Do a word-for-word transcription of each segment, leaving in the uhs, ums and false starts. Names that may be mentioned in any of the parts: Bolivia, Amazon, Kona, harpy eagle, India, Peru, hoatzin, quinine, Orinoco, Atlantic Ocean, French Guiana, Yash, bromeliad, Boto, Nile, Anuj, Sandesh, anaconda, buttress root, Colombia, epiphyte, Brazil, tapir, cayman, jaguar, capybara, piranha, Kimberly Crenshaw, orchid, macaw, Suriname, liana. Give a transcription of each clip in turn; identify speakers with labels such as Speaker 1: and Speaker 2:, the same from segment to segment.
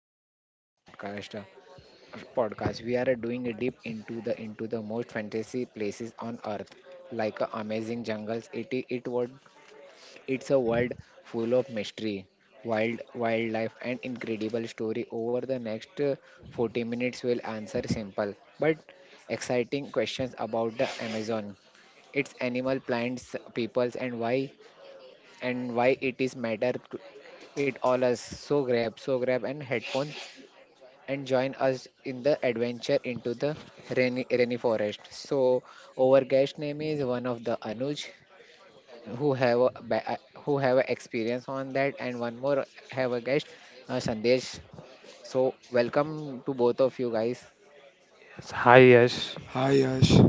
Speaker 1: back to another podcast. uh, Podcast. We are uh, doing a deep into the into the most fantasy places on earth, like uh, amazing jungles. It I- it would it's a world full of mystery, wild wildlife, and incredible story. Over the next uh, forty minutes, we'll answer simple but exciting questions about the Amazon, its animal, plants, peoples, and why and why it is matter. To, it all us so grab so grab and headphones and join us in the adventure into the rainy, rainy forest. So our guest name is one of the Anuj who have a, ba- uh, who have a experience on that and one more have a guest uh, Sandesh. So welcome to both of you guys.
Speaker 2: S- Hi Yash.
Speaker 3: Hi Yash.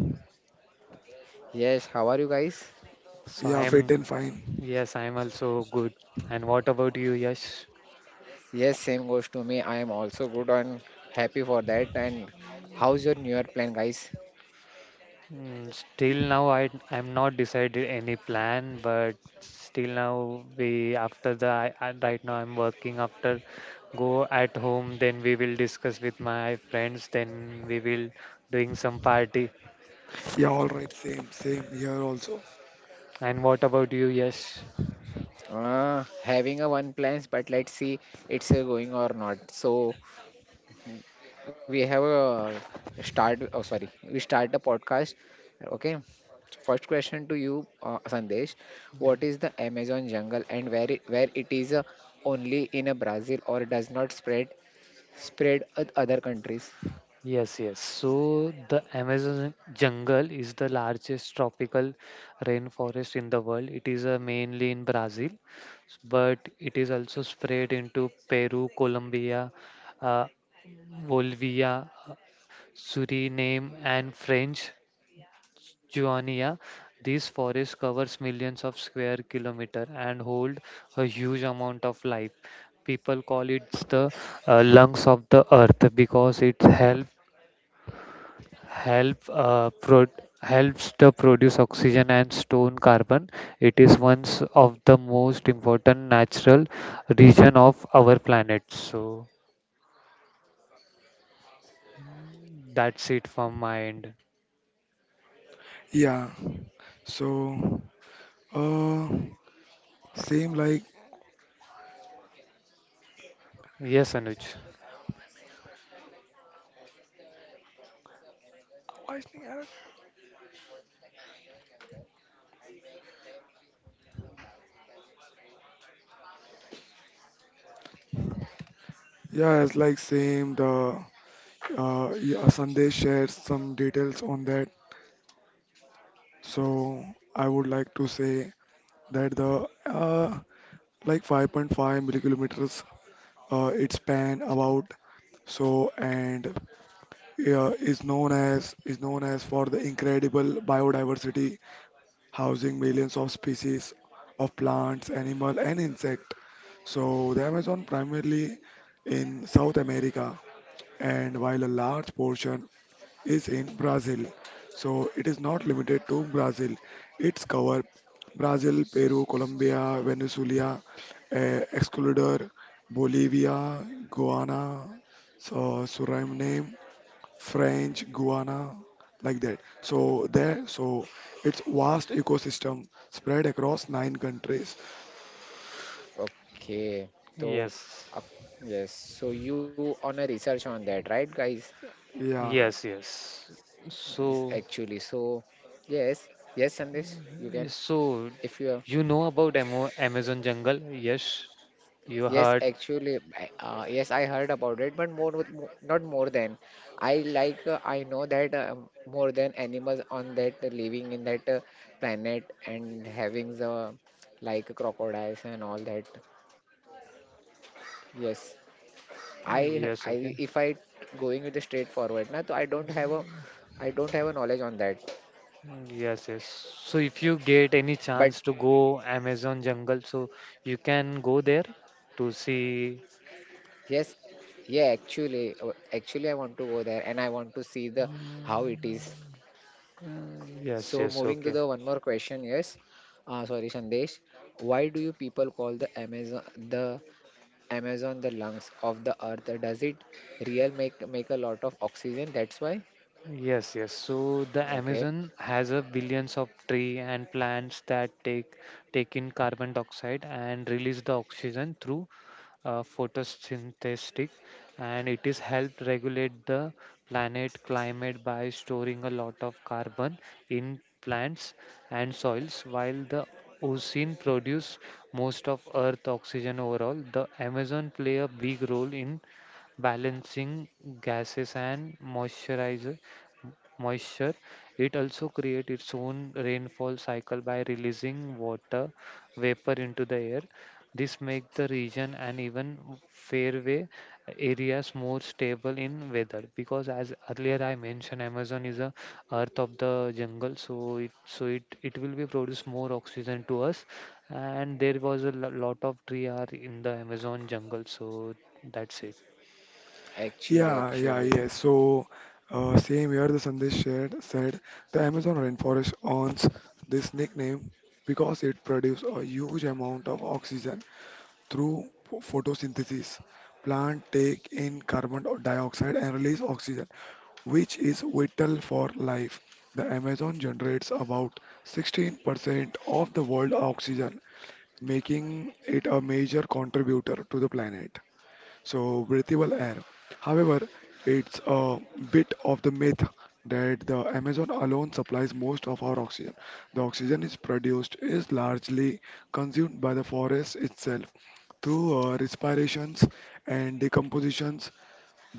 Speaker 1: Yes, how are you guys?
Speaker 2: So I
Speaker 3: Yeah, fit
Speaker 2: am.
Speaker 3: and fine.
Speaker 2: Yes, I am also good. And what about you, Yash?
Speaker 1: Yes, same goes to me. I am also good and happy for that. And how's your new year plan, guys?
Speaker 2: Mm, Still now I I'm not decided any plan, but still now we after the I, I- right now I'm working after go at home, then we will discuss with my friends, then we will doing some party.
Speaker 3: Yeah, all right. Same, same here also.
Speaker 2: And what about you, Yash?
Speaker 1: Uh, having a one plans, but let's see it's uh, going or not. So we have a start oh sorry we start the podcast. Okay, first question to you, uh, Sandesh.
Speaker 2: Hmm.
Speaker 1: What is the Amazon jungle and where it, where it is uh, only in a Brazil or does not spread spread at other countries?
Speaker 2: Yes, yes. So the Amazon jungle is the largest tropical rainforest in the world. It is uh, mainly in Brazil, s- but it is also spread into Peru, Colombia, uh, Bolivia, Suriname, and French Guiana. These forests covers millions of square kilometer and hold a huge amount of life. People call it the uh, lungs of the earth because it helps help uh, pro- helps to produce oxygen and store carbon. It is one of the most important natural region of our planet. So that's it from my end.
Speaker 3: Yeah. So, uh, same like
Speaker 2: Yes, Anuj.
Speaker 3: yeah, it's like same. The uh, yeah, Sandesh shared some details on that. So I would like to say that the uh, like five point five millikilometers uh, its span about so and uh, is known as is known as for the incredible biodiversity, housing millions of species of plants, animal, and insect. So the Amazon primarily in South America, and while a large portion is in Brazil. So it is not limited to Brazil. It's cover Brazil, Peru, Colombia, Venezuela, eh, Ecuador, Bolivia, Guyana, so Suriname, French Guiana, like that. So there, so it's vast ecosystem spread across nine countries.
Speaker 1: Okay, so
Speaker 2: Yes.
Speaker 1: uh, yes, so you on a research on that, right, guys?
Speaker 3: Yeah,
Speaker 2: Yes, yes.
Speaker 1: Yes,
Speaker 2: So,
Speaker 1: actually, so yes, yes, Sandesh, you can.
Speaker 2: so
Speaker 1: If you.
Speaker 2: you know about Amo- Amazon jungle? Yes, you
Speaker 1: Yes,
Speaker 2: heard.
Speaker 1: actually, I- uh, yes, I heard about it, but more with mo- not more than. I like uh, I know that uh, more than animals on that uh, living in that uh, planet and having the like crocodiles and all that. Yes, I I if I
Speaker 2: Yes, okay.
Speaker 1: going with the straightforward na, so I don't have a I don't have a knowledge on that.
Speaker 2: Yes, yes. So if you
Speaker 1: But
Speaker 2: get any chance to go Amazon jungle, so you can go there to see.
Speaker 1: yes, yeah, actually, uh, actually I want to go there and I want to see the how it is.
Speaker 2: Uh, yes,
Speaker 1: So
Speaker 2: yes,
Speaker 1: moving to
Speaker 2: okay.
Speaker 1: the one more question, yes. Uh, sorry, Sandesh. Why do you people call the Amazon the Amazon the lungs of the earth? Does it real make make a lot of oxygen? That's why.
Speaker 2: Yes, yes. So the
Speaker 1: Okay.
Speaker 2: Amazon has a billions of tree and plants that take take in carbon dioxide and release the oxygen through uh, photosynthetic, and it is helped regulate the planet climate by storing a lot of carbon in plants and soils, while the ocean produce most of earth oxygen. Overall, the amazon play a big role in balancing gases and moisturizer moisture. It also creates its own rainfall cycle by releasing water vapor into the air. This makes the region and even fairway areas more stable in weather, because as earlier I mentioned, Amazon is a earth of the jungle, so it so it, it will be produce more oxygen to us, and there was a lo- lot of tree are in the Amazon jungle. So that's it.
Speaker 1: Actually,
Speaker 3: yeah, yeah,
Speaker 1: actually.
Speaker 3: yeah. So uh, same here, the Sandesh shared said the Amazon rainforest earns this nickname because it produces a huge amount of oxygen through photosynthesis. Plants take in carbon dioxide and release oxygen, which is vital for life. The Amazon generates about sixteen percent of the world oxygen, making it a major contributor to the planet. So, breathable air. However, it's a bit of the myth that the Amazon alone supplies most of our oxygen. The oxygen is produced is largely consumed by the forest itself through uh, respirations and decompositions.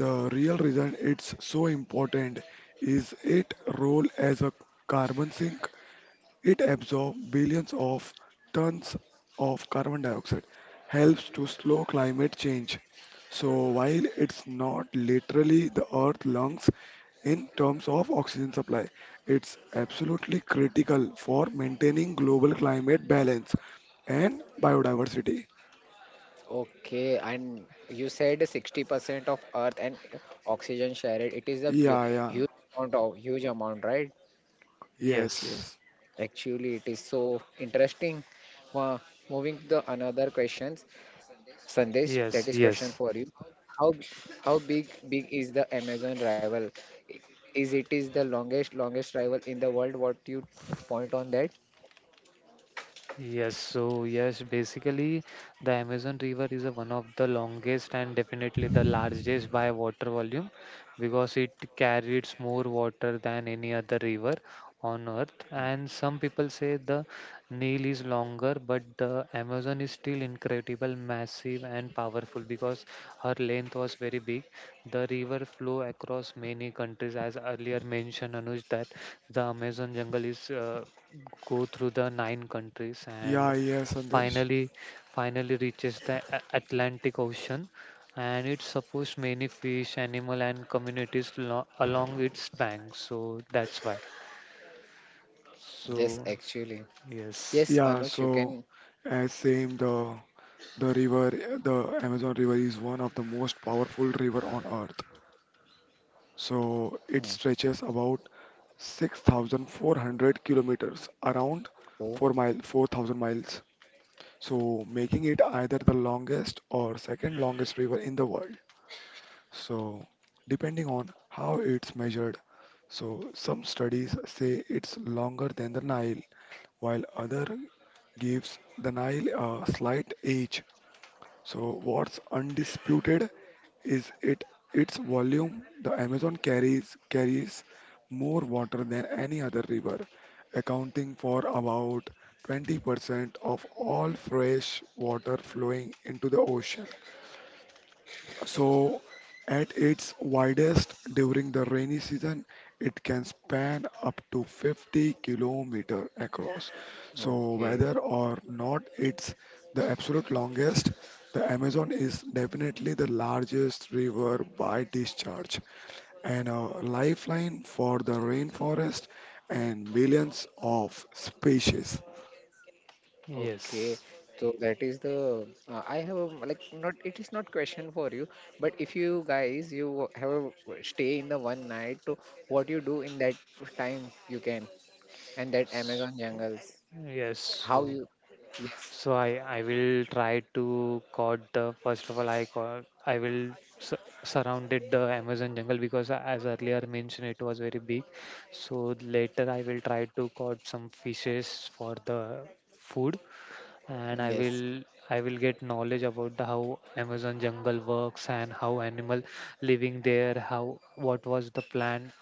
Speaker 3: The real reason it's so important is its role as a carbon sink. It absorbs billions of tons of carbon dioxide, helps to slow climate change. So while it's not literally the Earth's lungs in terms of oxygen supply, it's absolutely critical for maintaining global climate balance and biodiversity.
Speaker 1: Okay. And you said sixty percent of earth and oxygen share it. It is a ve-
Speaker 3: Yeah, yeah,
Speaker 1: huge amount of huge amount, right?
Speaker 3: yes,
Speaker 2: Yes,
Speaker 3: yes.
Speaker 1: Actually, it is so interesting. Wow. Moving to another questions, Sandesh, that is
Speaker 2: yes,
Speaker 1: question for you.
Speaker 2: yes.
Speaker 1: How how big big is the Amazon rival? Is it is the longest longest rival in the world? What you point on that?
Speaker 2: Yes, so yes, basically the Amazon River is a one of the longest and definitely the largest by water volume, because it carries more water than any other river on earth. And some people say the Nile is longer, but the Amazon is still incredible, massive and powerful, because her length was very big. The river flow across many countries, as earlier mentioned, Anuj, that the Amazon jungle is uh, go through the nine countries,
Speaker 3: Yeah,
Speaker 2: and
Speaker 3: yes, Sandesh.
Speaker 2: finally finally reaches the A- Atlantic Ocean, and it supports many fish, animal and communities lo- along its banks. So that's why.
Speaker 1: Yes,
Speaker 2: So
Speaker 1: actually.
Speaker 2: yes,
Speaker 1: Yes,
Speaker 3: Yeah,
Speaker 1: Anuj, you
Speaker 3: so
Speaker 1: can.
Speaker 3: as same the the river the Amazon River is one of the most powerful river on earth. So
Speaker 1: Hmm.
Speaker 3: it stretches about six thousand four hundred kilometers, around
Speaker 1: Oh,
Speaker 3: four mile four thousand miles. So making it either the longest or second longest river in the world. So depending on how it's measured. So some studies say it's longer than the Nile, while other gives the Nile a slight edge. So what's undisputed is it its volume. The Amazon carries carries more water than any other river, accounting for about twenty percent of all fresh water flowing into the ocean. So, at its widest during the rainy season, it can span up to fifty kilometer across. So, whether
Speaker 1: okay.
Speaker 3: or not it's the absolute longest, the Amazon is definitely the largest river by discharge and a lifeline for the rainforest and millions of species.
Speaker 1: Okay,
Speaker 2: yes,
Speaker 1: so that is the uh, I have a, like, not it is not question for you, but if you guys you have a stay in the one night, so what you do in that time you can and that
Speaker 2: S-
Speaker 1: Amazon jungles,
Speaker 2: yes.
Speaker 1: how
Speaker 2: So
Speaker 1: you, yes,
Speaker 2: So I I will try to caught the first of all, I caught I will su- surrounded the Amazon jungle, because a- as earlier mentioned it was very big. So later I will try to caught some fishes for the food, and I
Speaker 1: yes.
Speaker 2: will I will get knowledge about the how Amazon jungle works and how animal living there, how what was the plan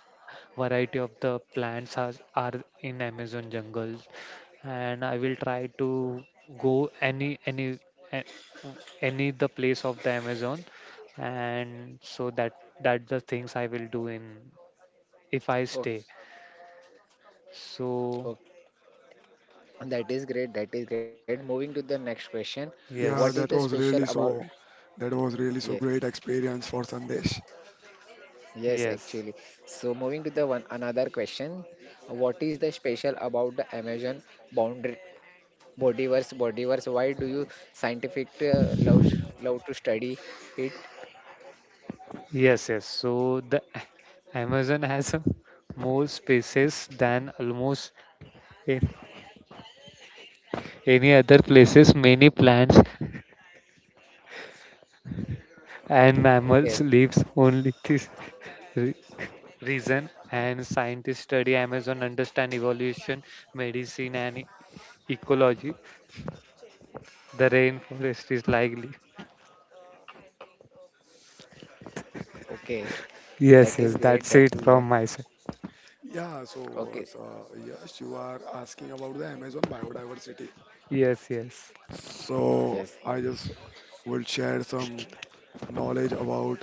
Speaker 2: variety of the plants are, are in Amazon jungles, and I will try to go any any a- any the place of the Amazon, and so that that the things I will do in if I
Speaker 1: Okay,
Speaker 2: stay. So
Speaker 1: okay, that is great, that is great. Moving to the next question, what is
Speaker 3: Yeah,
Speaker 1: the
Speaker 2: yes,
Speaker 3: that was
Speaker 1: special
Speaker 3: really
Speaker 1: about,
Speaker 3: so that was really
Speaker 1: yes,
Speaker 3: so great experience for Sandesh.
Speaker 1: yes,
Speaker 2: yes,
Speaker 1: actually. So moving to the one another question, what is the special about the Amazon boundary? Bodyverse, Bodyverse, why do you scientific uh, love sh- love to study it?
Speaker 2: yes, yes. So the A- Amazon has a more spaces than almost a- any other places. Many plants and mammals
Speaker 1: Okay,
Speaker 2: lives only this re- reason, and scientists study amazon understand evolution, medicine and e- ecology. The rainforest is likely,
Speaker 1: okay, that
Speaker 2: yes,
Speaker 1: is
Speaker 2: yes,
Speaker 1: great. That
Speaker 2: that's
Speaker 1: is
Speaker 2: it
Speaker 1: great.
Speaker 2: from my side.
Speaker 3: Yeah,
Speaker 1: Okay,
Speaker 3: so, so yes, you are asking about the Amazon biodiversity.
Speaker 2: Yes, yes,
Speaker 3: So
Speaker 1: yes.
Speaker 3: I just will share some knowledge about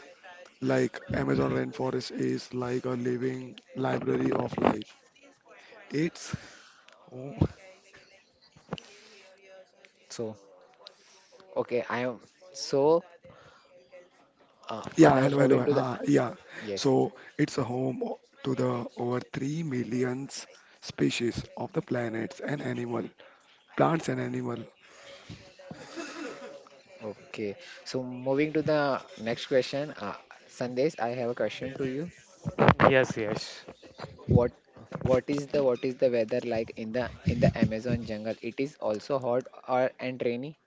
Speaker 3: like Amazon rainforest is like a living library of life. It's. Oh,
Speaker 1: So, okay, I am. So, uh, on
Speaker 3: yeah,
Speaker 1: a-
Speaker 3: hello, hello,
Speaker 1: moving to the,
Speaker 3: uh, yeah.
Speaker 1: yes.
Speaker 3: So it's a home o- to the over three millions species of the planets and animal, plants and animal.
Speaker 1: Okay, so moving to the next question, uh, Sandesh, I have a question to you.
Speaker 2: yes, yes.
Speaker 1: What what is the what is the weather like in the in the Amazon jungle? It is also hot or and rainy?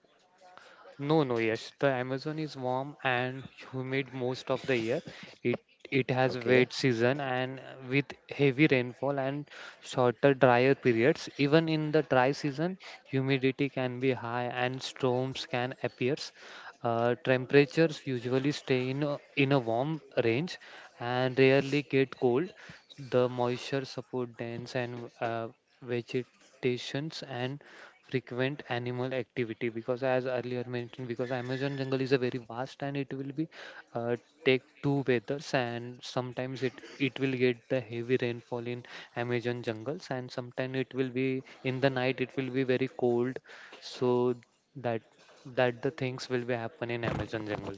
Speaker 2: No, no, yes. The Amazon is warm and humid most of the year. It it has
Speaker 1: Okay.
Speaker 2: wet season and uh, with heavy rainfall and shorter drier periods. Even in the dry season, humidity can be high and storms can appear. Uh, temperatures usually stay in a, in a warm range and rarely get cold. The moisture support dense and uh, vegetations and frequent animal activity, because as earlier mentioned, because amazon jungle is a very vast, and it will be uh, take two weathers, and sometimes it it will get the heavy rainfall in amazon jungles, and sometimes it will be in the night it will be very cold, so that that the things will be happen in amazon jungle.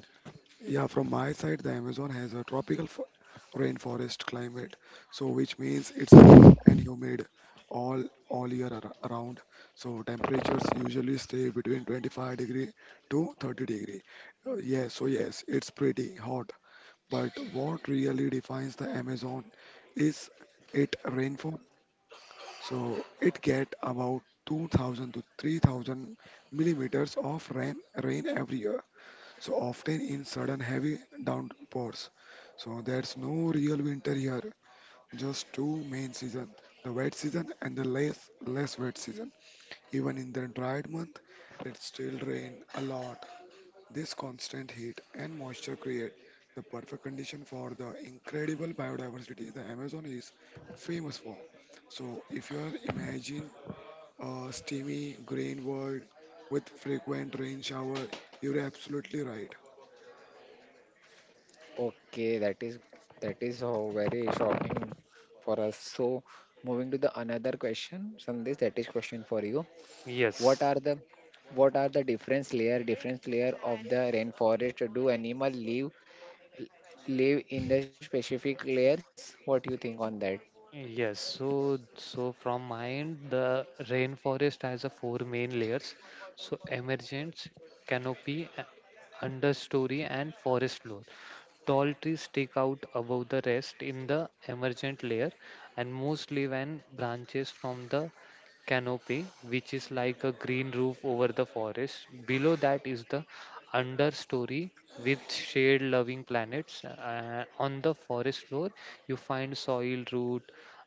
Speaker 3: Yeah, from my side, the Amazon has a tropical fo- rainforest climate, so which means it's warm and humid all all year ar- around. So temperatures usually stay between twenty five degree to thirty degree. Uh, yes, so yes, it's pretty hot. But what really defines the Amazon is its rainfall. So it get about two thousand to three thousand millimeters of rain rain every year so often in sudden heavy downpours. So there's no real winter here, just two main season, the wet season and the less less wet season. Even in the dried month, it still rain a lot. This constant heat and moisture create the perfect condition for the incredible biodiversity the Amazon is famous for. So if you are imagine a steamy green world with frequent rain shower, you're absolutely right.
Speaker 1: Okay, that is that is oh, very shocking for us. So, moving to the another question, Sandesh, that is question for you. What
Speaker 2: Yes.
Speaker 1: are the what are the difference layer difference layer of the rainforest? Do animal live live in the specific layers? What do you think on that?
Speaker 2: Yes, so so from my end, the rainforest has a four main layers. So emergence, canopy, a- understory, and forest floor. Tall trees stick out above the rest in the emergent layer, and most leaves and branches from the canopy, which is like a green roof over the forest. Below that is the understory with shade loving planets. Uh, on the forest floor, you find soil root,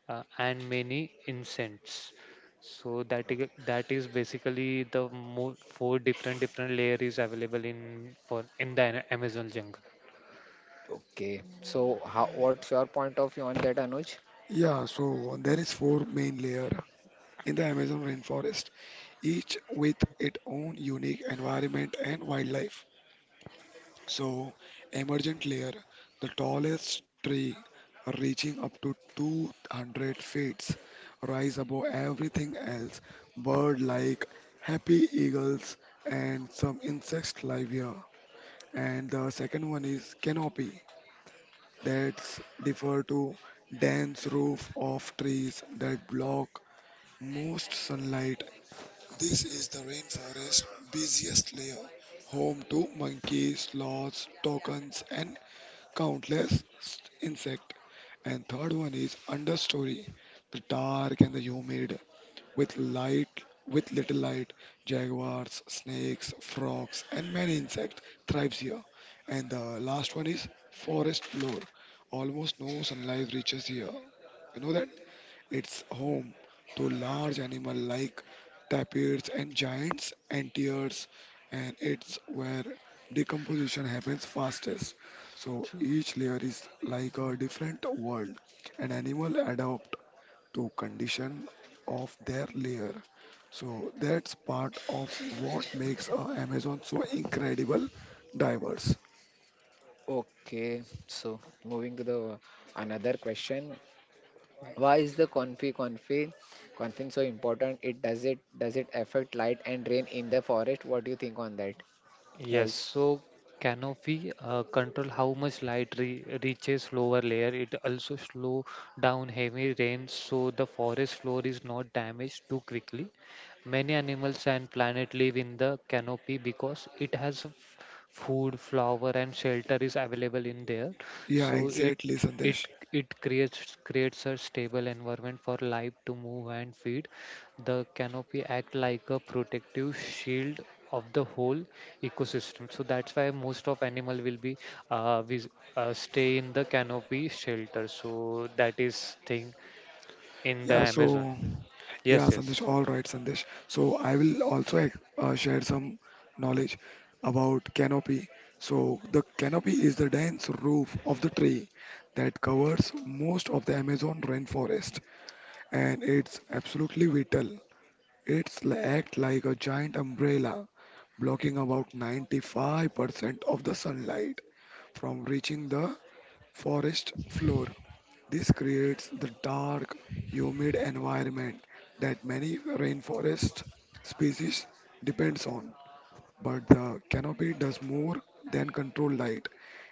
Speaker 2: uh, and many incense. So that is, that is basically the mo four different different layer is available in for in the Ana- Amazon jungle.
Speaker 1: Okay, so how, what's your point of view on that, Anuj?
Speaker 3: Yeah, so there is four main layer in the Amazon rainforest, each with its own unique environment and wildlife. So, emergent layer, the tallest tree reaching up to two hundred feet, rise above everything else. Bird like happy eagles and some insects live here. And the second one is canopy, that's defer to dense roof of trees that block most sunlight. This is the rainforest busiest layer, home to monkeys, sloths, toucans, and countless st- insect. And third one is understory, the dark and the humid, with light, with little light. Jaguars, snakes, frogs, and many insect thrives here. And the last one is forest floor. Almost no sunlight reaches here. You know that? It's home to large animals like tapirs and giants anteaters, and it's where decomposition happens fastest. So
Speaker 2: So,
Speaker 3: each layer is like a different world, and animal adapt to condition of their layer. So that's part of what makes uh, Amazon so incredible diverse.
Speaker 1: Okay, so moving to the another question, why is the confi confi confin so important? It does it does it affect light and rain in the forest? What do you think on that,
Speaker 2: yes,
Speaker 1: guys?
Speaker 2: so canopy uh, control how much light re reaches lower layer. It also slow down heavy rain, so the forest floor is not damaged too quickly. Many animals and plants live in the canopy because it has f- food, flower, and shelter is available in there.
Speaker 3: Yeah,
Speaker 2: So it
Speaker 3: exactly,
Speaker 2: it
Speaker 3: Sandesh.
Speaker 2: it creates creates a stable environment for life to move and feed. The canopy act like a protective shield of the whole ecosystem. So that's why most of animal will be uh, vis- uh, stay in the canopy shelter. So that is thing in the
Speaker 3: Yeah,
Speaker 2: Amazon.
Speaker 3: so. Yeah,
Speaker 2: Yes,
Speaker 3: Sandesh.
Speaker 2: yes,
Speaker 3: All right, Sandesh. So I will also uh, share some knowledge about canopy. So the canopy is the dense roof of the tree that covers most of the Amazon rainforest, and it's absolutely vital. It's li- act like a giant umbrella, blocking about ninety five percent of the sunlight from reaching the forest floor. This creates the dark, humid environment that many rainforest species depends on. But the canopy does more than control light.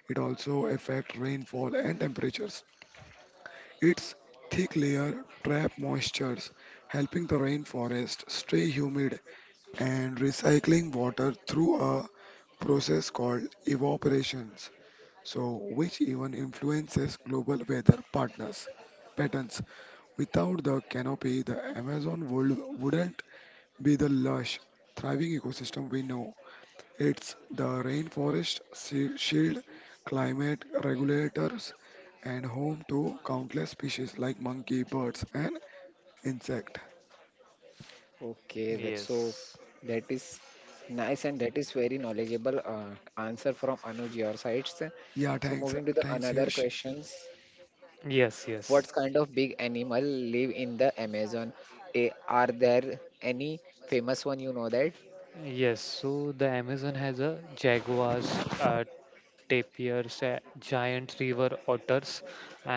Speaker 3: It also affects rainfall and temperatures. Its thick layer trap moistures, helping the rainforest stay humid and recycling water through a process called evaporation so which even influences global weather partners patterns. Without the canopy, the Amazon would, wouldn't be the lush, thriving ecosystem we know. It's the rainforest shi- shield, climate regulators, and home to countless species like monkey, birds, and insect.
Speaker 1: Okay, that's so,
Speaker 2: yes.
Speaker 1: that is nice and that is very knowledgeable uh, answer from Anuj your sides.
Speaker 3: Yeah,
Speaker 1: So
Speaker 3: thanks,
Speaker 1: moving to the
Speaker 3: thanks,
Speaker 1: another
Speaker 3: Yash.
Speaker 1: questions.
Speaker 2: Yes,
Speaker 1: What
Speaker 2: yes,
Speaker 1: kind of big animal live in the Amazon? Eh, are there any famous one you know that?
Speaker 2: yes. So the Amazon has a jaguars, uh, tapirs, uh, giant river otters,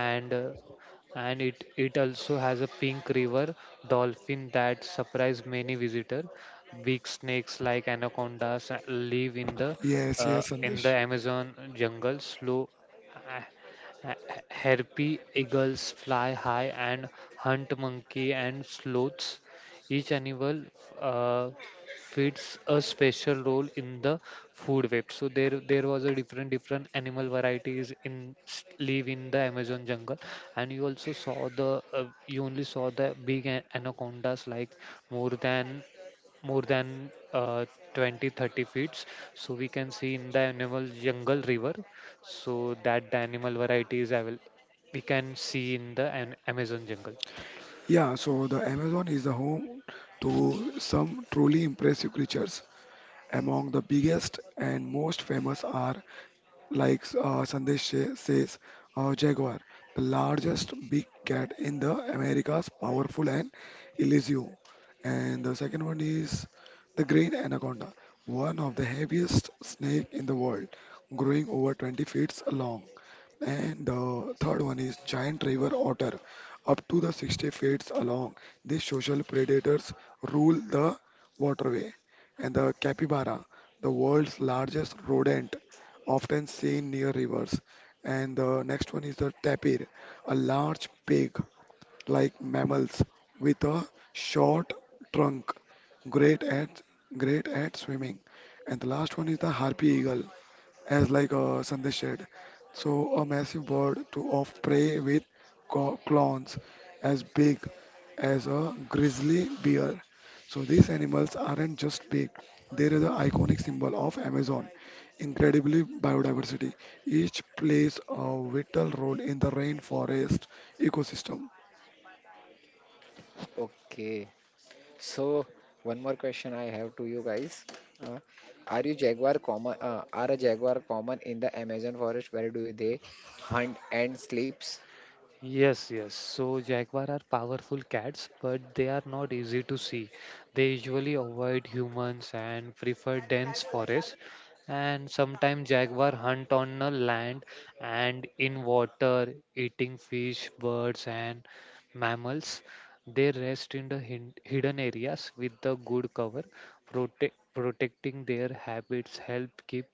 Speaker 2: and uh, and it it also has a pink river dolphin that surprise many visitor. Big snakes like anacondas uh, live in the
Speaker 3: Yes, yes,
Speaker 2: uh, in the
Speaker 3: Sandesh.
Speaker 2: Amazon jungle. Slow, uh, Ha- ha- Harpy eagles fly high and hunt monkey and sloths. Each animal uh, fits a special role in the food web. So there, there was a different, different animal varieties in s- live in the Amazon jungle, and you also saw the, uh, you only saw the big a- anacondas like more than more than uh, twenty thirty feet, so we can see in the animal jungle river, so that the animal varieties I will we can see in the an Amazon jungle.
Speaker 3: Yeah, so the Amazon is the home to some truly impressive creatures. Among the biggest and most famous are, like uh, Sandesh sa- says, uh, jaguar, the largest big cat in the Americas, powerful and elusive. And the second one is the green anaconda, one of the heaviest snake in the world, growing over twenty feet long. And the third one is giant river otter, up to the sixty feet long. These social predators rule the waterway. And the capybara, the world's largest rodent, often seen near rivers. And the next one is the tapir, a large pig like mammals with a short trunk, great at great at swimming. And the last one is the harpy eagle, as like uh, Sandesh said. So a massive bird to of prey with co- claws as big as a grizzly bear. So these animals aren't just big; they are the iconic symbol of Amazon. Incredibly biodiversity. Each plays a vital role in the rainforest ecosystem.
Speaker 1: Okay. So one more question I have to you guys. Uh, are you jaguar common uh, are a jaguar common in the Amazon forest, where do they hunt and sleeps?
Speaker 2: Yes, yes. So jaguar are powerful cats, but they are not easy to see. They usually avoid humans and prefer dense forest. And sometimes jaguar hunt on the land and in water, eating fish, birds, and mammals. They rest in the hin- hidden areas with the good cover. Prote- protecting their habits help keep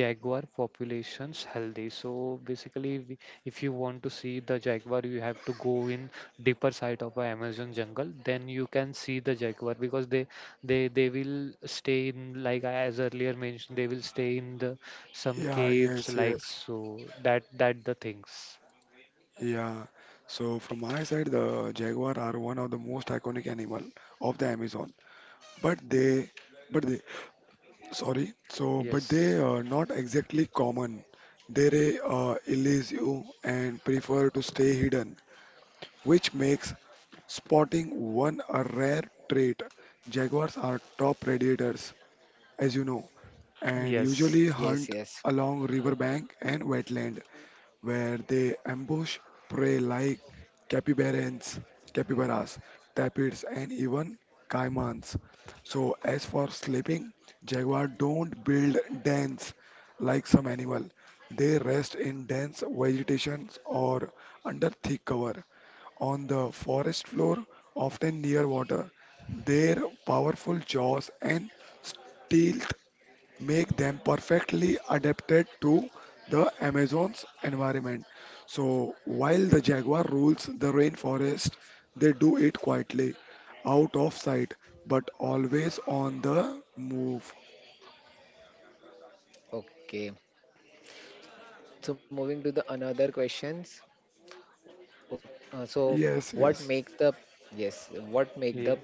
Speaker 2: jaguar populations healthy, so basically, we- if you want to see the jaguar, you have to go in deeper side of a amazon jungle, then you can see the jaguar, because they they they will stay in like, I- as earlier mentioned, they will stay in the some
Speaker 3: Yeah,
Speaker 2: caves,
Speaker 3: yes,
Speaker 2: like,
Speaker 3: yes.
Speaker 2: so that that the things.
Speaker 3: Yeah. So from my side, the jaguar are one of the most iconic animal of the Amazon. But they, but they, Sorry, so but they
Speaker 2: Yes,
Speaker 3: are not exactly common. They uh, elude you and prefer to stay hidden, which makes spotting one a rare trait. Jaguars are top predators, as you know, and
Speaker 2: yes,
Speaker 3: usually
Speaker 1: Yes,
Speaker 3: hunt
Speaker 1: yes.
Speaker 3: along riverbank and wetland where they ambush prey like capybarans, capybaras, tapirs, and even caimans. So, as for sleeping, jaguar don't build dens like some animal. They rest in dense vegetation or under thick cover on the forest floor, often near water. Their powerful jaws and steel make them perfectly adapted to the Amazon's environment. So while the jaguar rules the rainforest, they do it quietly, out of sight, but always on the move.
Speaker 1: Okay. So moving to the another questions. Ok- uh, so
Speaker 3: Yes,
Speaker 1: what
Speaker 3: yes.
Speaker 1: makes the, yes, what make
Speaker 2: yeah.
Speaker 1: the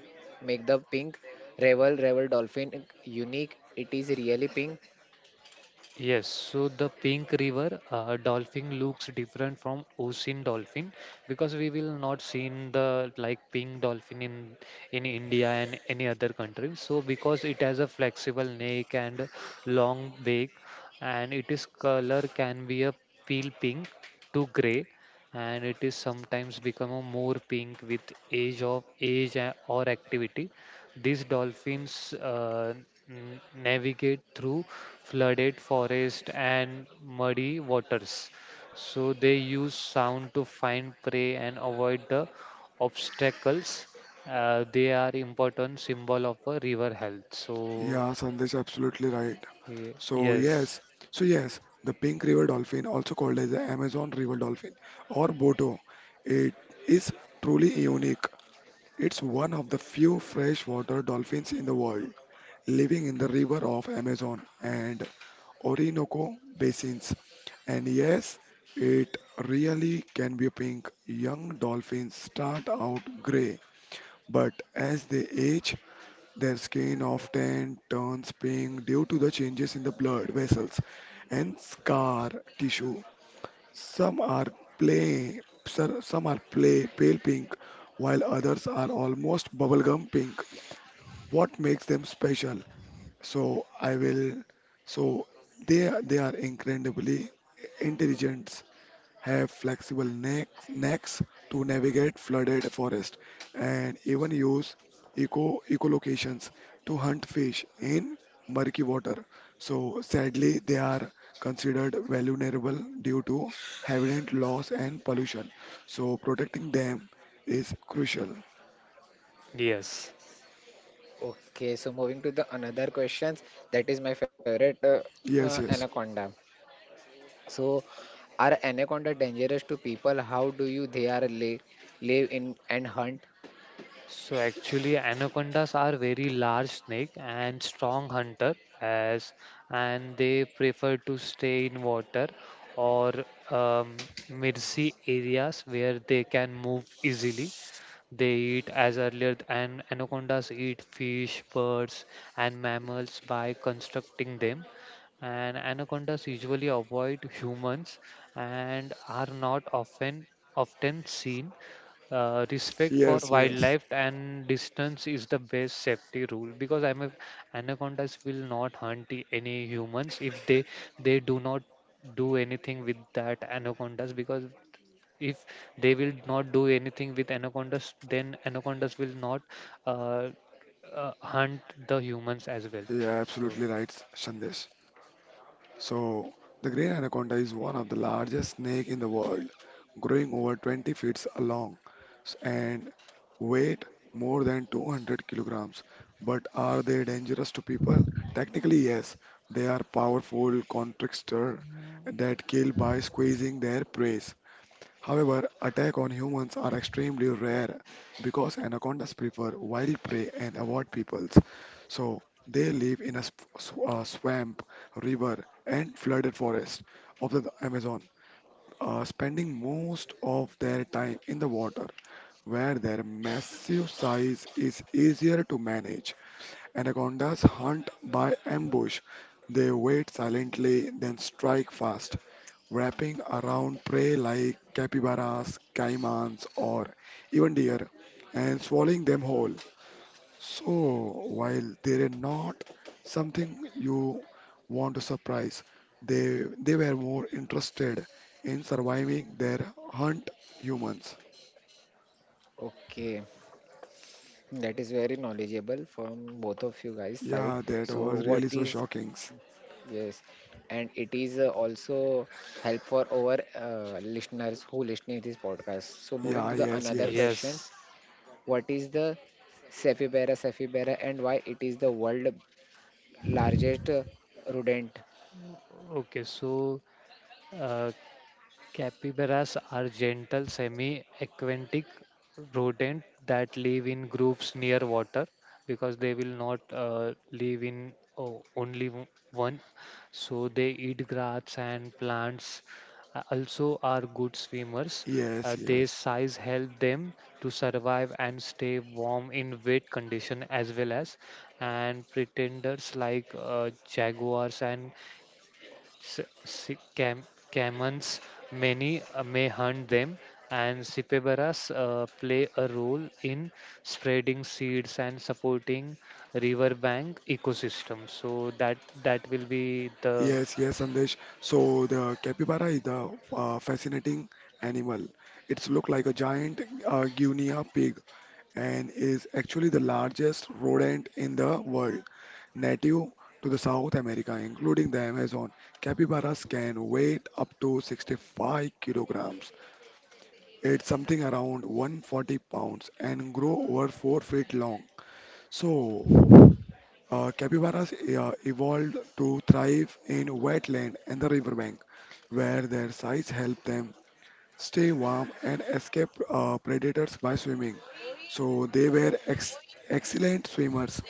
Speaker 1: make the pink revel revel dolphin unique? It is really pink.
Speaker 2: Yes, so the pink river uh, dolphin looks different from ocean dolphin, because we will not seen the like pink dolphin in in India and any other country. So because it has a flexible neck and long beak, and it is color can be a pale pink to gray, and it is sometimes become a more pink with age of age a- or activity. These dolphins uh, n- navigate through flooded forest and muddy waters. So they use sound to find prey and avoid the obstacles. Uh, they are important symbol of a river health. So
Speaker 3: Yeah, Sandesh, absolutely right.
Speaker 2: ye-
Speaker 3: So
Speaker 2: yes,
Speaker 3: yes, so yes, the pink river dolphin, also called as the Amazon river dolphin or Boto, it is truly unique. It's one of the few freshwater dolphins in the world, living in the river of Amazon and Orinoco basins. And yes, it really can be pink. Young dolphins start out gray, but as they age, their skin often turns pink due to the changes in the blood vessels and scar tissue. Some are play, sir, some are play pale pink, while others are almost bubblegum pink. What makes them special so I will. So they are- they are incredibly intelligent, have flexible neck, necks to navigate flooded forest, and even use eco echolocations to hunt fish in murky water. So sadly, they are considered vulnerable due to habitat loss and pollution. So protecting them is crucial.
Speaker 2: yes.
Speaker 1: Okay, so moving to the another questions, that is my favorite uh, uh,
Speaker 3: Yes, yes,
Speaker 1: anaconda. So, are anaconda dangerous to people? How do you they are live live in and hunt?
Speaker 2: So actually, anacondas are very large snake and strong hunter as, and they prefer to stay in water or um, mid-sea areas where they can move easily. They eat as earlier, and anacondas eat fish, birds, and mammals by constructing them. And anacondas usually avoid humans and are not often often seen. Uh, respect for
Speaker 3: yes, yes.
Speaker 2: wildlife and distance is the best safety rule, because I'm a, anacondas will not hunt i- any humans if they they do not do anything with that anacondas, because if they will not do anything with anacondas, then anacondas will not uh, uh, hunt the humans as well.
Speaker 3: Yeah,
Speaker 2: So
Speaker 3: absolutely right, Sandesh. So, the great anaconda is one of the largest snake in the world, growing over twenty feet long s- and weight more than two hundred kilograms. But are they dangerous to people? Technically, yes. They are powerful constrictor that kill by squeezing their prey. However, attack on humans are extremely rare because anacondas prefer wild prey and avoid peoples. So they live in a sp- sw- uh, swamp, river, and flooded forest of the Amazon, uh, spending most of their time in the water, where their massive size is easier to manage. Anacondas hunt by ambush. They wait silently, then strike fast, wrapping around prey like capybaras, caimans, or even deer, and swallowing them whole. So, while they're not something you want to surprise, they they were more interested in surviving their hunt humans.
Speaker 1: Okay, that is very knowledgeable from both of you guys' side.
Speaker 3: Yeah, that
Speaker 1: So,
Speaker 3: was
Speaker 1: what
Speaker 3: really so
Speaker 1: is,
Speaker 3: shocking.
Speaker 1: yes, and it is uh, also help for our uh, listeners who listening this podcast. So, moving
Speaker 3: Yeah,
Speaker 1: to the
Speaker 3: yes,
Speaker 1: another
Speaker 3: yes,
Speaker 1: questions.
Speaker 2: yes,
Speaker 1: What is the Sapphibera sapphibera and why it is the world largest uh, rodent?
Speaker 2: okay. so uh, Capybaras are gentle, semi aquatic rodent that live in groups near water, because they will not uh, live in oh, only w- one. So they eat grass and plants. Uh, Also, are good swimmers.
Speaker 3: yes,
Speaker 2: Uh, their
Speaker 3: yes.
Speaker 2: size help them to survive and stay warm in wet condition, as well as and pretenders like uh, jaguars and s- s- cam- Caymans, many uh, may hunt them, and Sipebaras uh, play a role in spreading seeds and supporting riverbank ecosystems. So that that will be the,
Speaker 3: Yes, yes, Sandesh. So the capybara is the uh, fascinating animal. It's look like a giant uh, guinea pig and is actually the largest rodent in the world, native to the South America, including the Amazon. Capybaras can weigh up to sixty-five kilograms. It's something around one hundred forty pounds and grow over four feet long. So uh, capybaras uh, evolved to thrive in wetland and the riverbank, where their size helped them stay warm and escape uh, predators by swimming. So they were ex excellent swimmers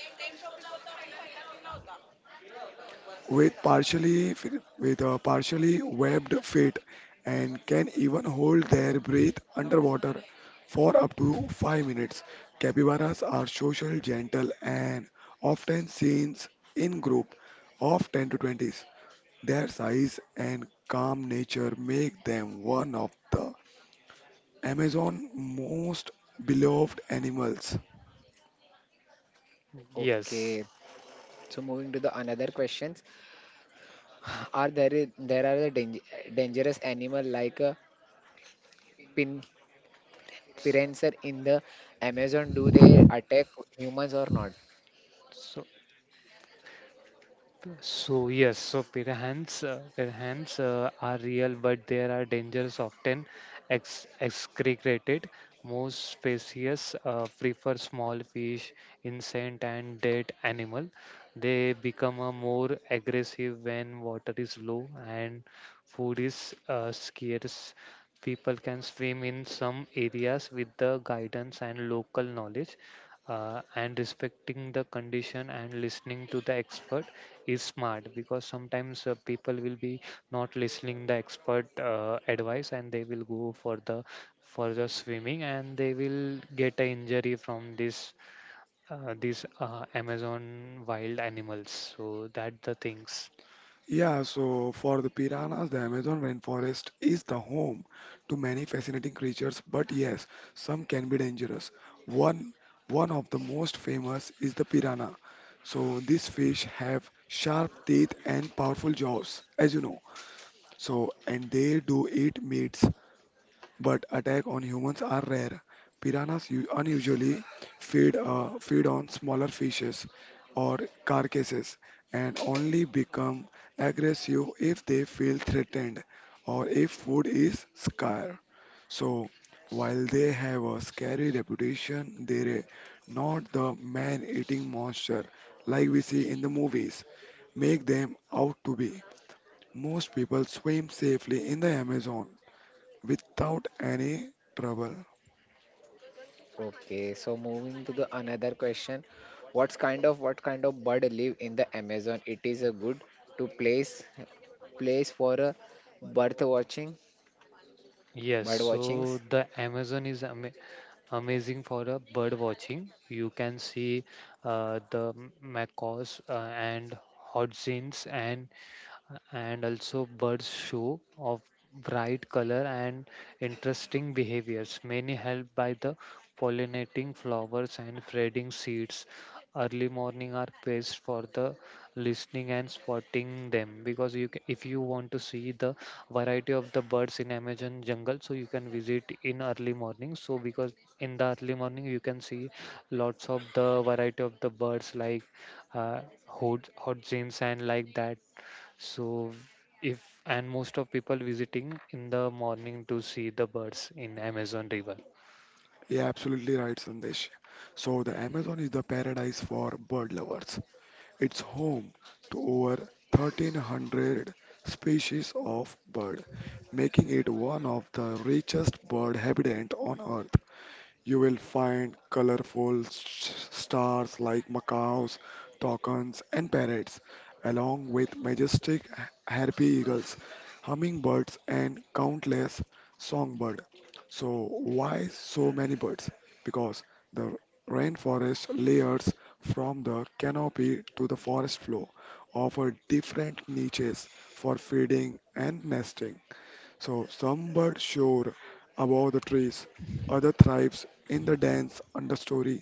Speaker 3: with partially f- with uh, partially webbed feet and can even hold their breath underwater for up to five minutes. Capybaras are social, gentle, and often seen in group of ten to twenty. Their size and calm nature make them one of the Amazon most beloved animals.
Speaker 2: yes.
Speaker 1: Okay, so moving to the another questions. Are there i- there are the dang- dangerous animal like a pin piranha in the Amazon? Do they attack humans or not?
Speaker 2: So So yes, so piranhas, uh, piranhas uh, are real, but they are dangerous, often ex- excreted. Most species uh, prefer small fish, insect, and dead animal. They become uh, more aggressive when water is low and food is uh, scarce. People can swim in some areas with the guidance and local knowledge uh, and respecting the condition, and listening to the expert is smart, because sometimes uh, people will be not listening the expert uh, advice and they will go for the for the swimming and they will get a injury from this uh, these uh, amazon wild animals, so that the things.
Speaker 3: Yeah, so for the piranhas, the Amazon rainforest is the home to many fascinating creatures, but yes, some can be dangerous. One one of the most famous is the piranha. So these fish have sharp teeth and powerful jaws, as you know. So and they do eat meats but attack on humans are rare. Piranhas u- unusually feed uh, feed on smaller fishes or carcasses and only become aggressive if they feel threatened or if food is scarce. So while they have a scary reputation, they're not the man-eating monster like we see in the movies. Make them out to be. Most people swim safely in the Amazon without any trouble.
Speaker 1: Okay, so moving to the another question. What kind of what kind of bird live in the Amazon? It is a good to place place for a bird watching
Speaker 2: Yes,
Speaker 1: bird
Speaker 2: so
Speaker 1: watchings.
Speaker 2: the Amazon is ama amazing for uh, bird watching. You can see uh, the m- macaws uh, and hodzins and and also birds show of bright color and interesting behaviors, many helped by the pollinating flowers and spreading seeds. Early morning are best for the listening and spotting them, because you ca if you want to see the variety of the birds in amazon jungle, so you can visit in early morning, so because in the early morning you can see lots of the variety of the birds like uh, hot hot and like that. So if and most of people visiting in the morning to see the birds in Amazon River.
Speaker 3: Yeah, absolutely right, Sandesh. So the Amazon is the paradise for bird lovers. It's home to over thirteen hundred species of bird, making it one of the richest bird habitat on earth. You will find colorful s- stars like macaws, toucans, and parrots, along with majestic h- harpy eagles, hummingbirds, and countless songbirds. So, why so many birds? Because the rainforest layers from the canopy to the forest floor offer different niches for feeding and nesting. So some birds soar above the trees, other thrives in the dense understory,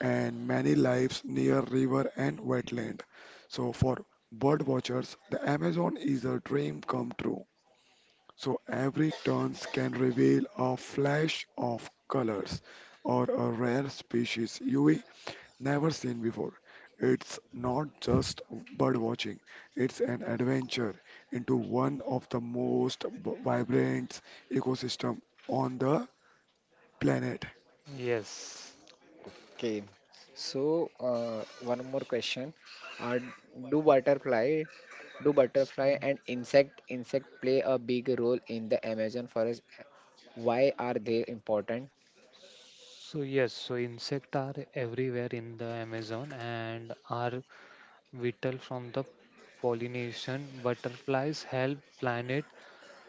Speaker 3: and many lives near river and wetland. So for bird watchers, the Amazon is a dream come true. So every turns can reveal a flash of colors or a rare species you never seen before. It's not just bird watching, it's an adventure into one of the most b- vibrant ecosystem on the planet.
Speaker 2: Yes.
Speaker 1: Okay, so uh, one more question. Uh, do butterfly, do butterfly and insect insect play a big role in the Amazon forest? Why are they important?
Speaker 2: So yes, so insect are everywhere in the Amazon and are vital from the pollination. Butterflies help planet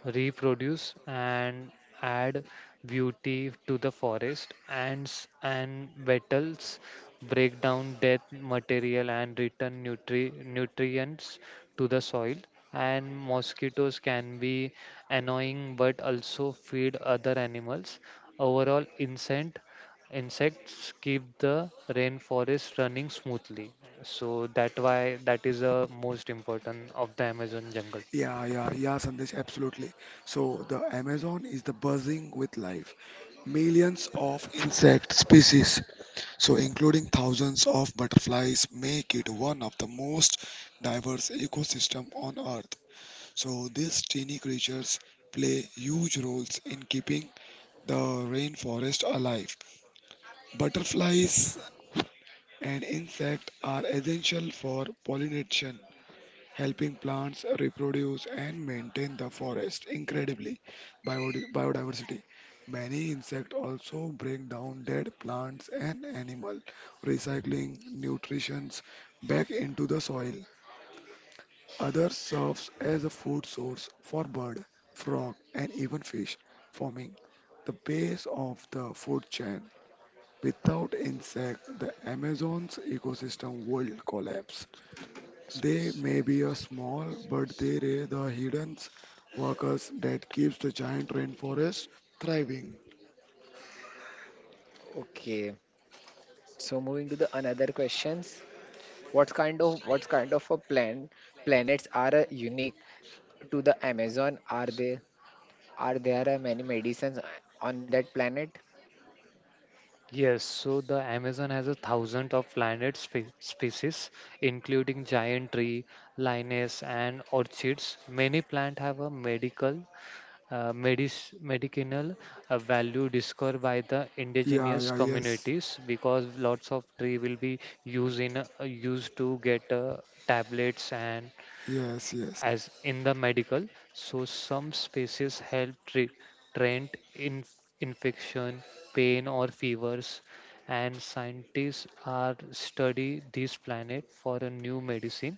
Speaker 2: reproduce and add beauty to the forest. Ants and beetles break down dead material and return nutri- nutrients to the soil. And mosquitoes can be annoying but also feed other animals. Overall, insect insects keep the rainforest running smoothly. So that why that is the most important of the Amazon jungle.
Speaker 3: Yeah, yeah, yeah, Sandesh, absolutely. So the Amazon is the buzzing with life. Millions of insect species, so including thousands of butterflies, make it one of the most diverse ecosystem on Earth. So these tiny creatures play huge roles in keeping the rainforest alive. Butterflies and insects are essential for pollination, helping plants reproduce and maintain the forest. Incredibly, biodi- biodiversity. Many insects also break down dead plants and animals, recycling nutrients back into the soil. Other serves as a food source for bird, frog, and even fish, forming the base of the food chain. Without insect, the Amazon's ecosystem will collapse. They may be a small, but they are the hidden workers that keeps the giant rainforest thriving.
Speaker 1: Okay, so moving to the another questions. What kind of what kind of a plan planets are uh, unique to the Amazon? Are they are there uh, many medicines on that planet?
Speaker 2: Yes, so the Amazon has a thousand of plant spe- species, including giant tree, lianas, and orchids. Many plants have a medical, uh, medic- medicinal uh, value, discovered by the
Speaker 3: Yeah,
Speaker 2: indigenous
Speaker 3: yeah, yes,
Speaker 2: communities, because lots of tree will be used in uh, used to get uh, tablets and
Speaker 3: yes, yes.
Speaker 2: as in the medical. So some spaces help tre- treat in- infection, pain or fevers, and scientists are study this planet for a new medicine,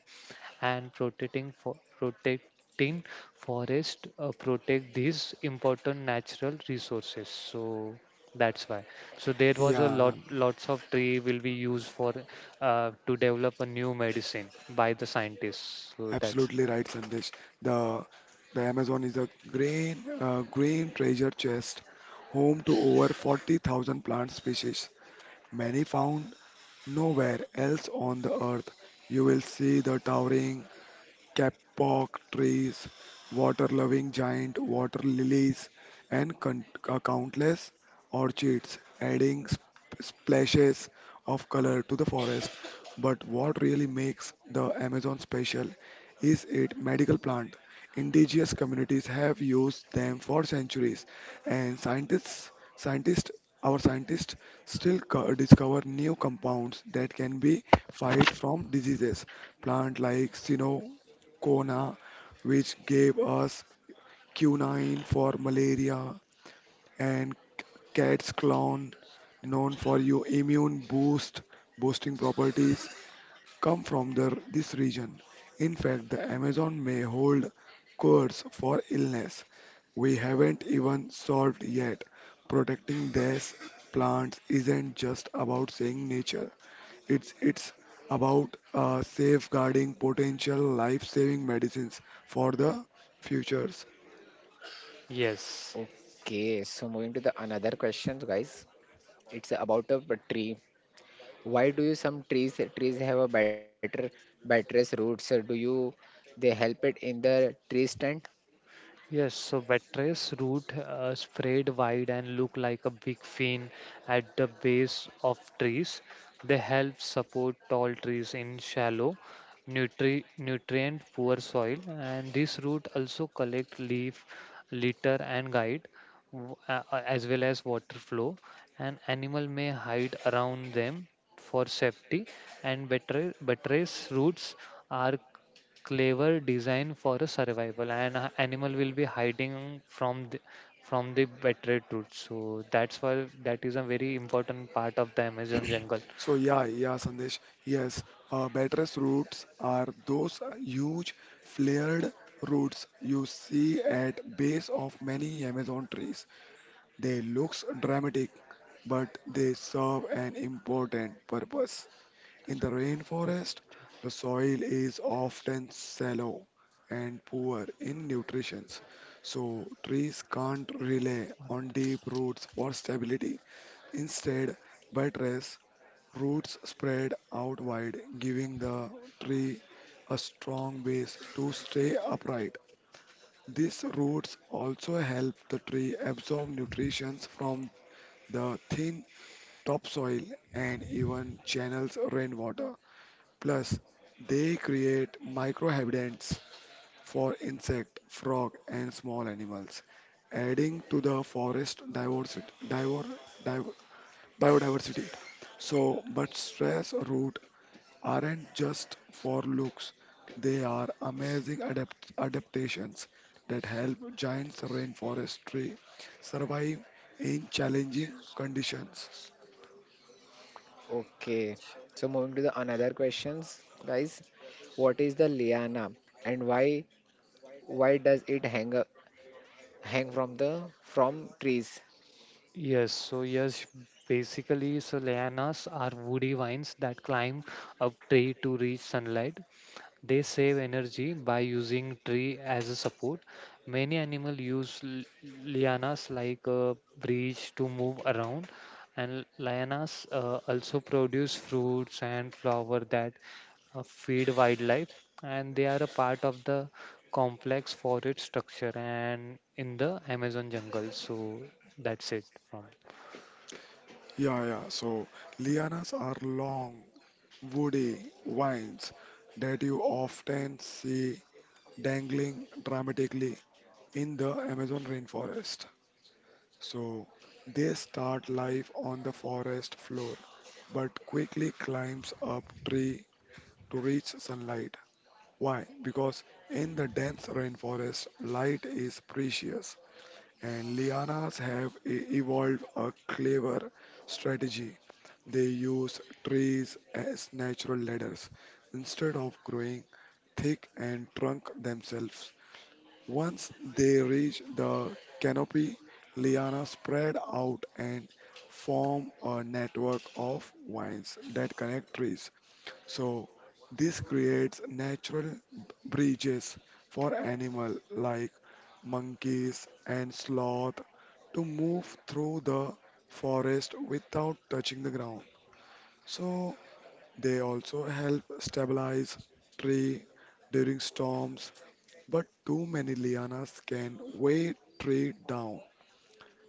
Speaker 2: and protecting for protecting forest, uh, protect these important natural resources, so that's why, so there was a
Speaker 3: Yeah,
Speaker 2: lot lots of tree will be used for uh, to develop a new medicine by the scientists, so that's.
Speaker 3: absolutely right, Sandesh. The the Amazon is a green uh, green treasure chest, home to over forty thousand plant species, many found nowhere else on the earth. You will see the towering kapok trees, water-loving giant water lilies, and con- uh, countless orchids, adding sp- splashes of color to the forest. But what really makes the Amazon special is its medical plant. Indigenous communities have used them for centuries, and scientists, scientists, our scientists still co- discover new compounds that can be fight from diseases. Plant like, you know, Kona, which gave us quinine for malaria, and cat's clown, known for your immune boost boosting properties come from the, this region. In fact, the Amazon may hold codes for illness we haven't even solved yet. Protecting these plants isn't just about saving nature. It's it's about uh, safeguarding potential life-saving medicines for the futures.
Speaker 2: Yes,
Speaker 1: Okay, so moving to the another questions, guys. It's about a tree. Why do you some trees trees have a better buttress roots? Uh, Do you they help it in the tree stand?
Speaker 2: yes. So buttress root uh, spread wide and look like a big fin at the base of trees. They help support tall trees in shallow, nutri nutrient poor soil. And this root also collect leaf litter and guide, w- uh, uh, as well as water flow. And animal may hide around them for safety. And buttress, buttress roots are clever design for a survival, and a animal will be hiding from the, from the betrayed truth, so that's why that is a very important part of the amazon jungle.
Speaker 3: So yeah, yeah, Sandesh. Yes, uh, buttress roots are those huge flared roots you see at base of many Amazon trees. They looks dramatic, but they serve an important purpose. In the rainforest, the soil is often shallow and poor in nutrition, so trees can't rely on deep roots for stability. Instead, buttress roots spread out wide, giving the tree a strong base to stay upright. These roots also help the tree absorb nutrition from the thin topsoil and even channels rainwater. Plus, they create microhabitats for insect, frog, and small animals, adding to the forest diversity, diver, diver, biodiversity. So, but stress root aren't just for looks, they are amazing adapt- adaptations that help giants rainforest tree survive in challenging conditions.
Speaker 1: Okay. So moving to the another questions, guys. What is the liana and why why does it hang up, hang from the from trees?
Speaker 2: Yes, so yes, basically, so lianas are woody vines that climb up tree to reach sunlight. They save energy by using tree as a support. Many animals use l- lianas like a bridge to move around, and lianas uh, also produce fruits and flower that uh, feed wildlife, and they are a part of the complex forest structure and in the Amazon jungle. So that's it from.
Speaker 3: Yeah, yeah, so lianas are long, woody vines that you often see dangling dramatically in the Amazon rainforest. So they start life on the forest floor, but quickly climbs up tree to reach sunlight. Why? Because in the dense rainforest, light is precious, and lianas have e- evolved a clever strategy. They use trees as natural ladders instead of growing thick and trunk themselves. Once they reach the canopy, lianas spread out and form a network of vines that connect trees. So this creates natural bridges for animal like monkeys and sloth to move through the forest without touching the ground. So they also help stabilize tree during storms, but too many lianas can weigh tree down.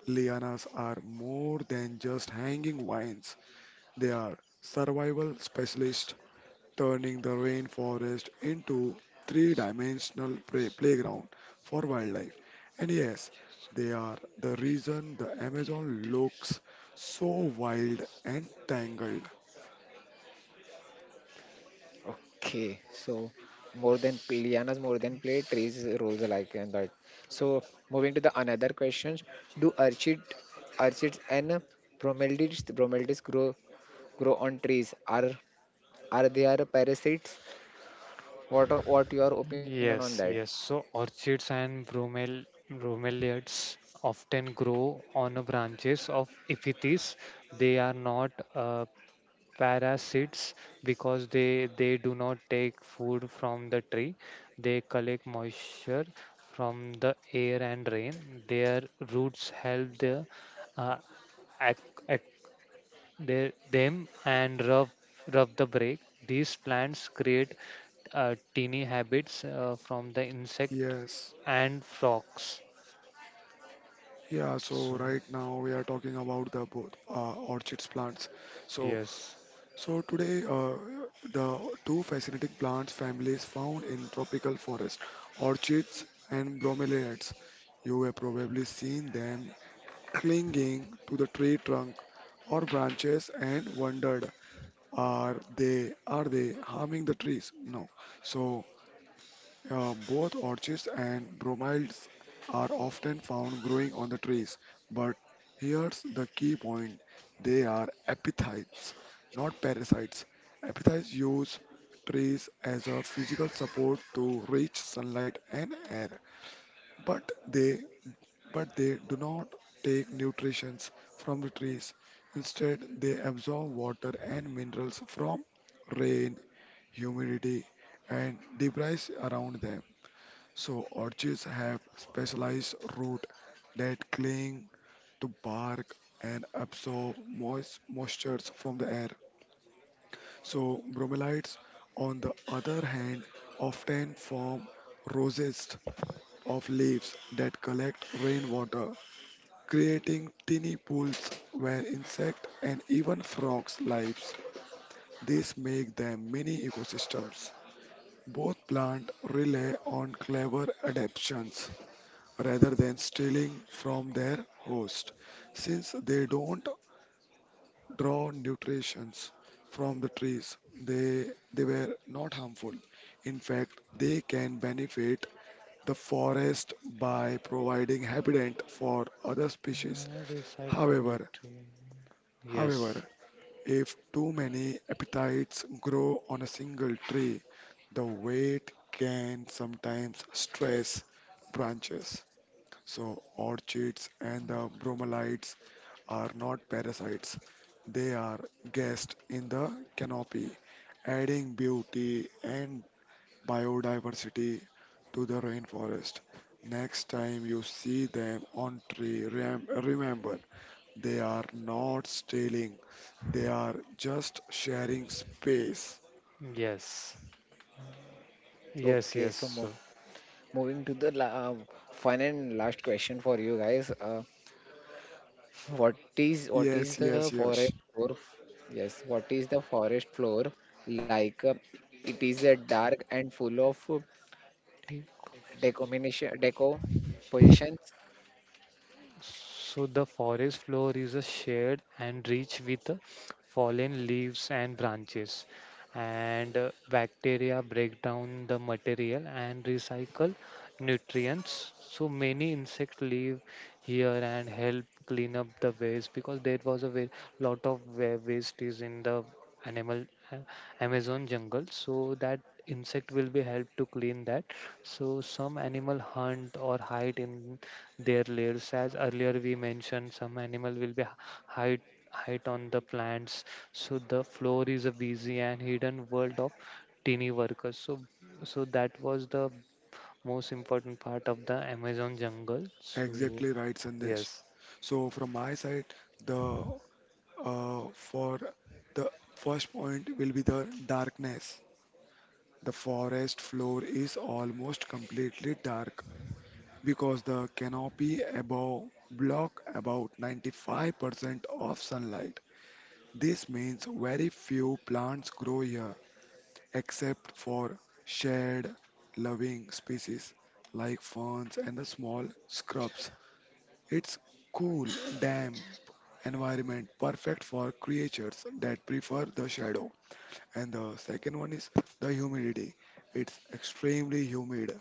Speaker 3: Lianas are more than just hanging vines. They are survival specialists turning the rainforest into three-dimensional play- playground for wildlife. And yes, they are the reason the Amazon looks so wild and tangled.
Speaker 1: Okay. So more than lianas more than play trees roles alike and that. So moving to the another questions. Do orchid orchids and bromeldids bromeldids grow grow on trees, are are they are parasites? What are- what your opinion on
Speaker 2: Yes,
Speaker 1: that?
Speaker 2: yes. So orchids and bromel bromeliads often grow on the branches of epiphytes. They are not uh, parasites, because they they do not take food from the tree. They collect moisture from the air and rain. Their roots help the uh, ac- they, them and rub, rub the brake. These plants create uh, teeny habits uh, from the insect
Speaker 3: Yes.
Speaker 2: and frogs.
Speaker 3: Yeah, so
Speaker 2: So,
Speaker 3: right now we are talking about the both uh, orchids plants. So
Speaker 2: yes.
Speaker 3: so today uh, the two fascinating plant families found in tropical forest, orchids and bromeliads. You have probably seen them clinging to the tree trunk or branches and wondered, are they are they harming the trees? No. So uh, both orchids and bromides are often found growing on the trees, but here's the key point: they are epiphytes, not parasites. Epiphytes use trees as a physical support to reach sunlight and air, but they but they do not take nutrition from the trees. Instead, they absorb water and minerals from rain, humidity, and debris around them. So, orchids have specialized roots that cling to bark and absorb moist moistures from the air. So, bromeliads, on the other hand, often form rosettes of leaves that collect rainwater creating tiny pools where insect and even frogs lives. This make them mini ecosystems. Both plant rely on clever adaptations rather than stealing from their host. Since they don't draw nutrients from the trees, they they were not harmful. In fact, they can benefit the forest by providing habitat for other species.
Speaker 2: Uh, recycle
Speaker 3: However,
Speaker 2: nutrient.
Speaker 3: however,
Speaker 2: Yes.
Speaker 3: if too many appetites grow on a single tree, the weight can sometimes stress branches. So, orchids and the bromeliads are not parasites, they are guests in the canopy, adding beauty and biodiversity to the rainforest. Next time you see them on tree, rem- remember they are not stealing, they are just sharing space.
Speaker 2: Yes. Yes.
Speaker 1: Okay,
Speaker 2: Yes.
Speaker 1: so mo
Speaker 2: So,
Speaker 1: moving to the la uh, fun and last question for you guys. Uh, what is what is
Speaker 3: Yes,
Speaker 1: the
Speaker 3: yes,
Speaker 1: forest
Speaker 3: yes.
Speaker 1: floor? f- Yes, what is the forest floor like? Uh, it is a dark and full of uh, decomination deco positions.
Speaker 2: so the forest floor is a shared and rich with uh, fallen leaves and branches. And uh, bacteria break down the material and recycle nutrients. So many insects live here and help clean up the waste, because there was a wa- lot of wa- waste is in the animal uh, Amazon jungle. So that insect will be helped to clean that. So some animal hunt or hide in their layers. As earlier we mentioned, some animal will be h- height height on the plants. So the floor is a busy and hidden world of teeny workers. So so that was the most important part of the Amazon jungle. So
Speaker 3: Exactly right, Sandesh.
Speaker 2: yes,
Speaker 3: So from my side, the uh, for the first point will be the darkness. The forest floor is almost completely dark because the canopy above block about ninety-five percent of sunlight. This means very few plants grow here except for shared loving species like ferns and the small scrubs. It's cool, damp environment perfect for creatures that prefer the shadow. And the second one is the humidity. It's extremely humid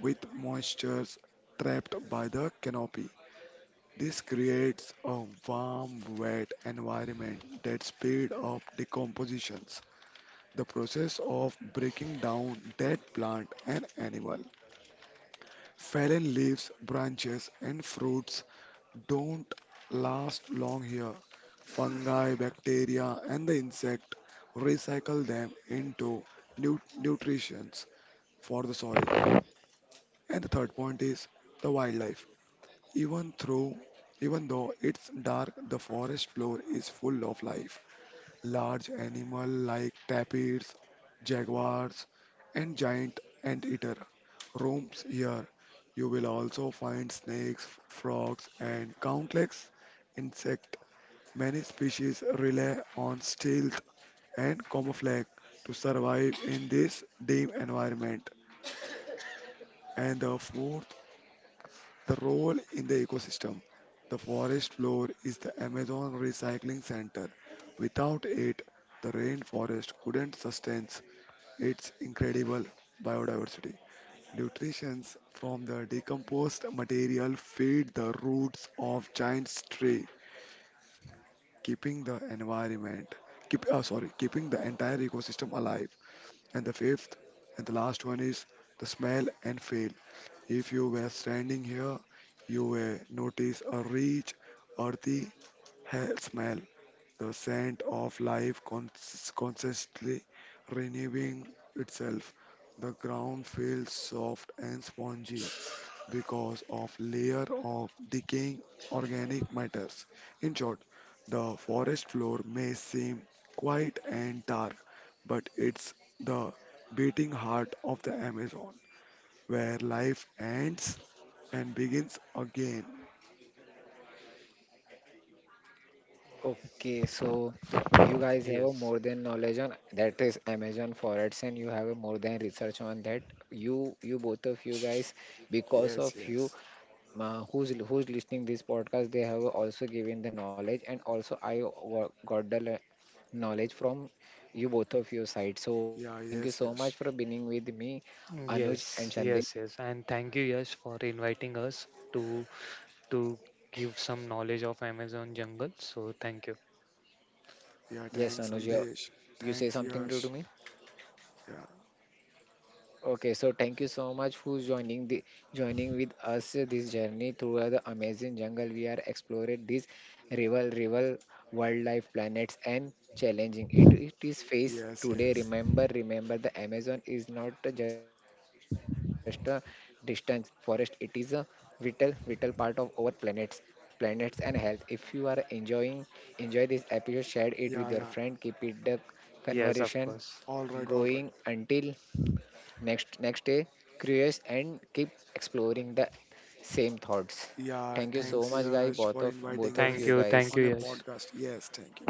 Speaker 3: with moistures trapped by the canopy. This creates a warm, wet environment that speeds up decompositions the process of breaking down dead plant and animal, fallen leaves, branches, and fruits don't last long here. Fungi, bacteria, and the insect recycle them into nu- nutrition for the soil. And the third point is the wildlife. Even through even though it's dark, the forest floor is full of life. Large animal like tapirs, jaguars, and giant anteater roams here. You will also find snakes, frogs, and countless insects. Many species rely on stealth and camouflage to survive in this dim environment. And the fourth, the role in the ecosystem. The forest floor is the Amazon Recycling Center. Without it, the rainforest couldn't sustain It's incredible biodiversity. Nutrients from the decomposed material feed the roots of giant tree, keeping the environment, keep, uh, sorry, keeping the entire ecosystem alive. And the fifth and the last one is the smell and feel. If you were standing here, you will notice a rich, earthy ha- smell the scent of life cons- constantly renewing itself. The ground feels soft and spongy because of layer of decaying organic matters. In short, the forest floor may seem quiet and dark, but it's the beating heart of the Amazon, where life ends and begins again.
Speaker 1: Okay, so you guys have a
Speaker 2: yes.
Speaker 1: more than knowledge on that is Amazon Forex and you have a more than research on that. You you both of you guys, because
Speaker 3: Yes,
Speaker 1: of you
Speaker 3: yes.
Speaker 1: uh, who's who's listening this podcast, they have also given the knowledge and also I wo- got the le- knowledge from you both of your side. So
Speaker 3: Yeah,
Speaker 1: thank you
Speaker 3: yes,
Speaker 1: so
Speaker 3: yes.
Speaker 1: much for being with me, Anuj
Speaker 2: Yes,
Speaker 1: and Sandeep.
Speaker 2: yes, yes. And thank you, Yash, for inviting us to to give some knowledge of Amazon jungle. So thank you.
Speaker 3: Yeah,
Speaker 1: Yes,
Speaker 3: thanks,
Speaker 1: Anuj, you,
Speaker 3: Sandesh.
Speaker 1: you say
Speaker 3: Thanks,
Speaker 1: something to, to
Speaker 3: Yash.
Speaker 1: me?
Speaker 3: Yeah,
Speaker 1: Okay, so thank you so much for joining the joining with us uh, this journey through the amazing jungle. We are exploring these rival rival wildlife planets and challenging it. It is face
Speaker 3: yes,
Speaker 1: today.
Speaker 3: yes.
Speaker 1: Remember, remember the Amazon is not just a distance forest. It is a vital vital part of our planets planets and health. If you are enjoying enjoy this episode, share it with your
Speaker 3: Yeah, yeah.
Speaker 1: friend, keep it the
Speaker 2: Yes, of
Speaker 1: conversation
Speaker 2: course.
Speaker 3: All right, all
Speaker 1: going
Speaker 3: right.
Speaker 1: until next next day curious and keep exploring the same thoughts.
Speaker 3: Yeah,
Speaker 1: Thank you so
Speaker 3: thanks,
Speaker 2: Yes.
Speaker 1: much guys,
Speaker 3: Yash,
Speaker 1: both
Speaker 3: for
Speaker 1: of
Speaker 3: inviting
Speaker 1: both of
Speaker 2: Thank
Speaker 3: us
Speaker 1: you
Speaker 2: you. Thank
Speaker 1: guys.
Speaker 2: you,
Speaker 3: on your
Speaker 2: Yash.
Speaker 3: podcast. Yes, thank you.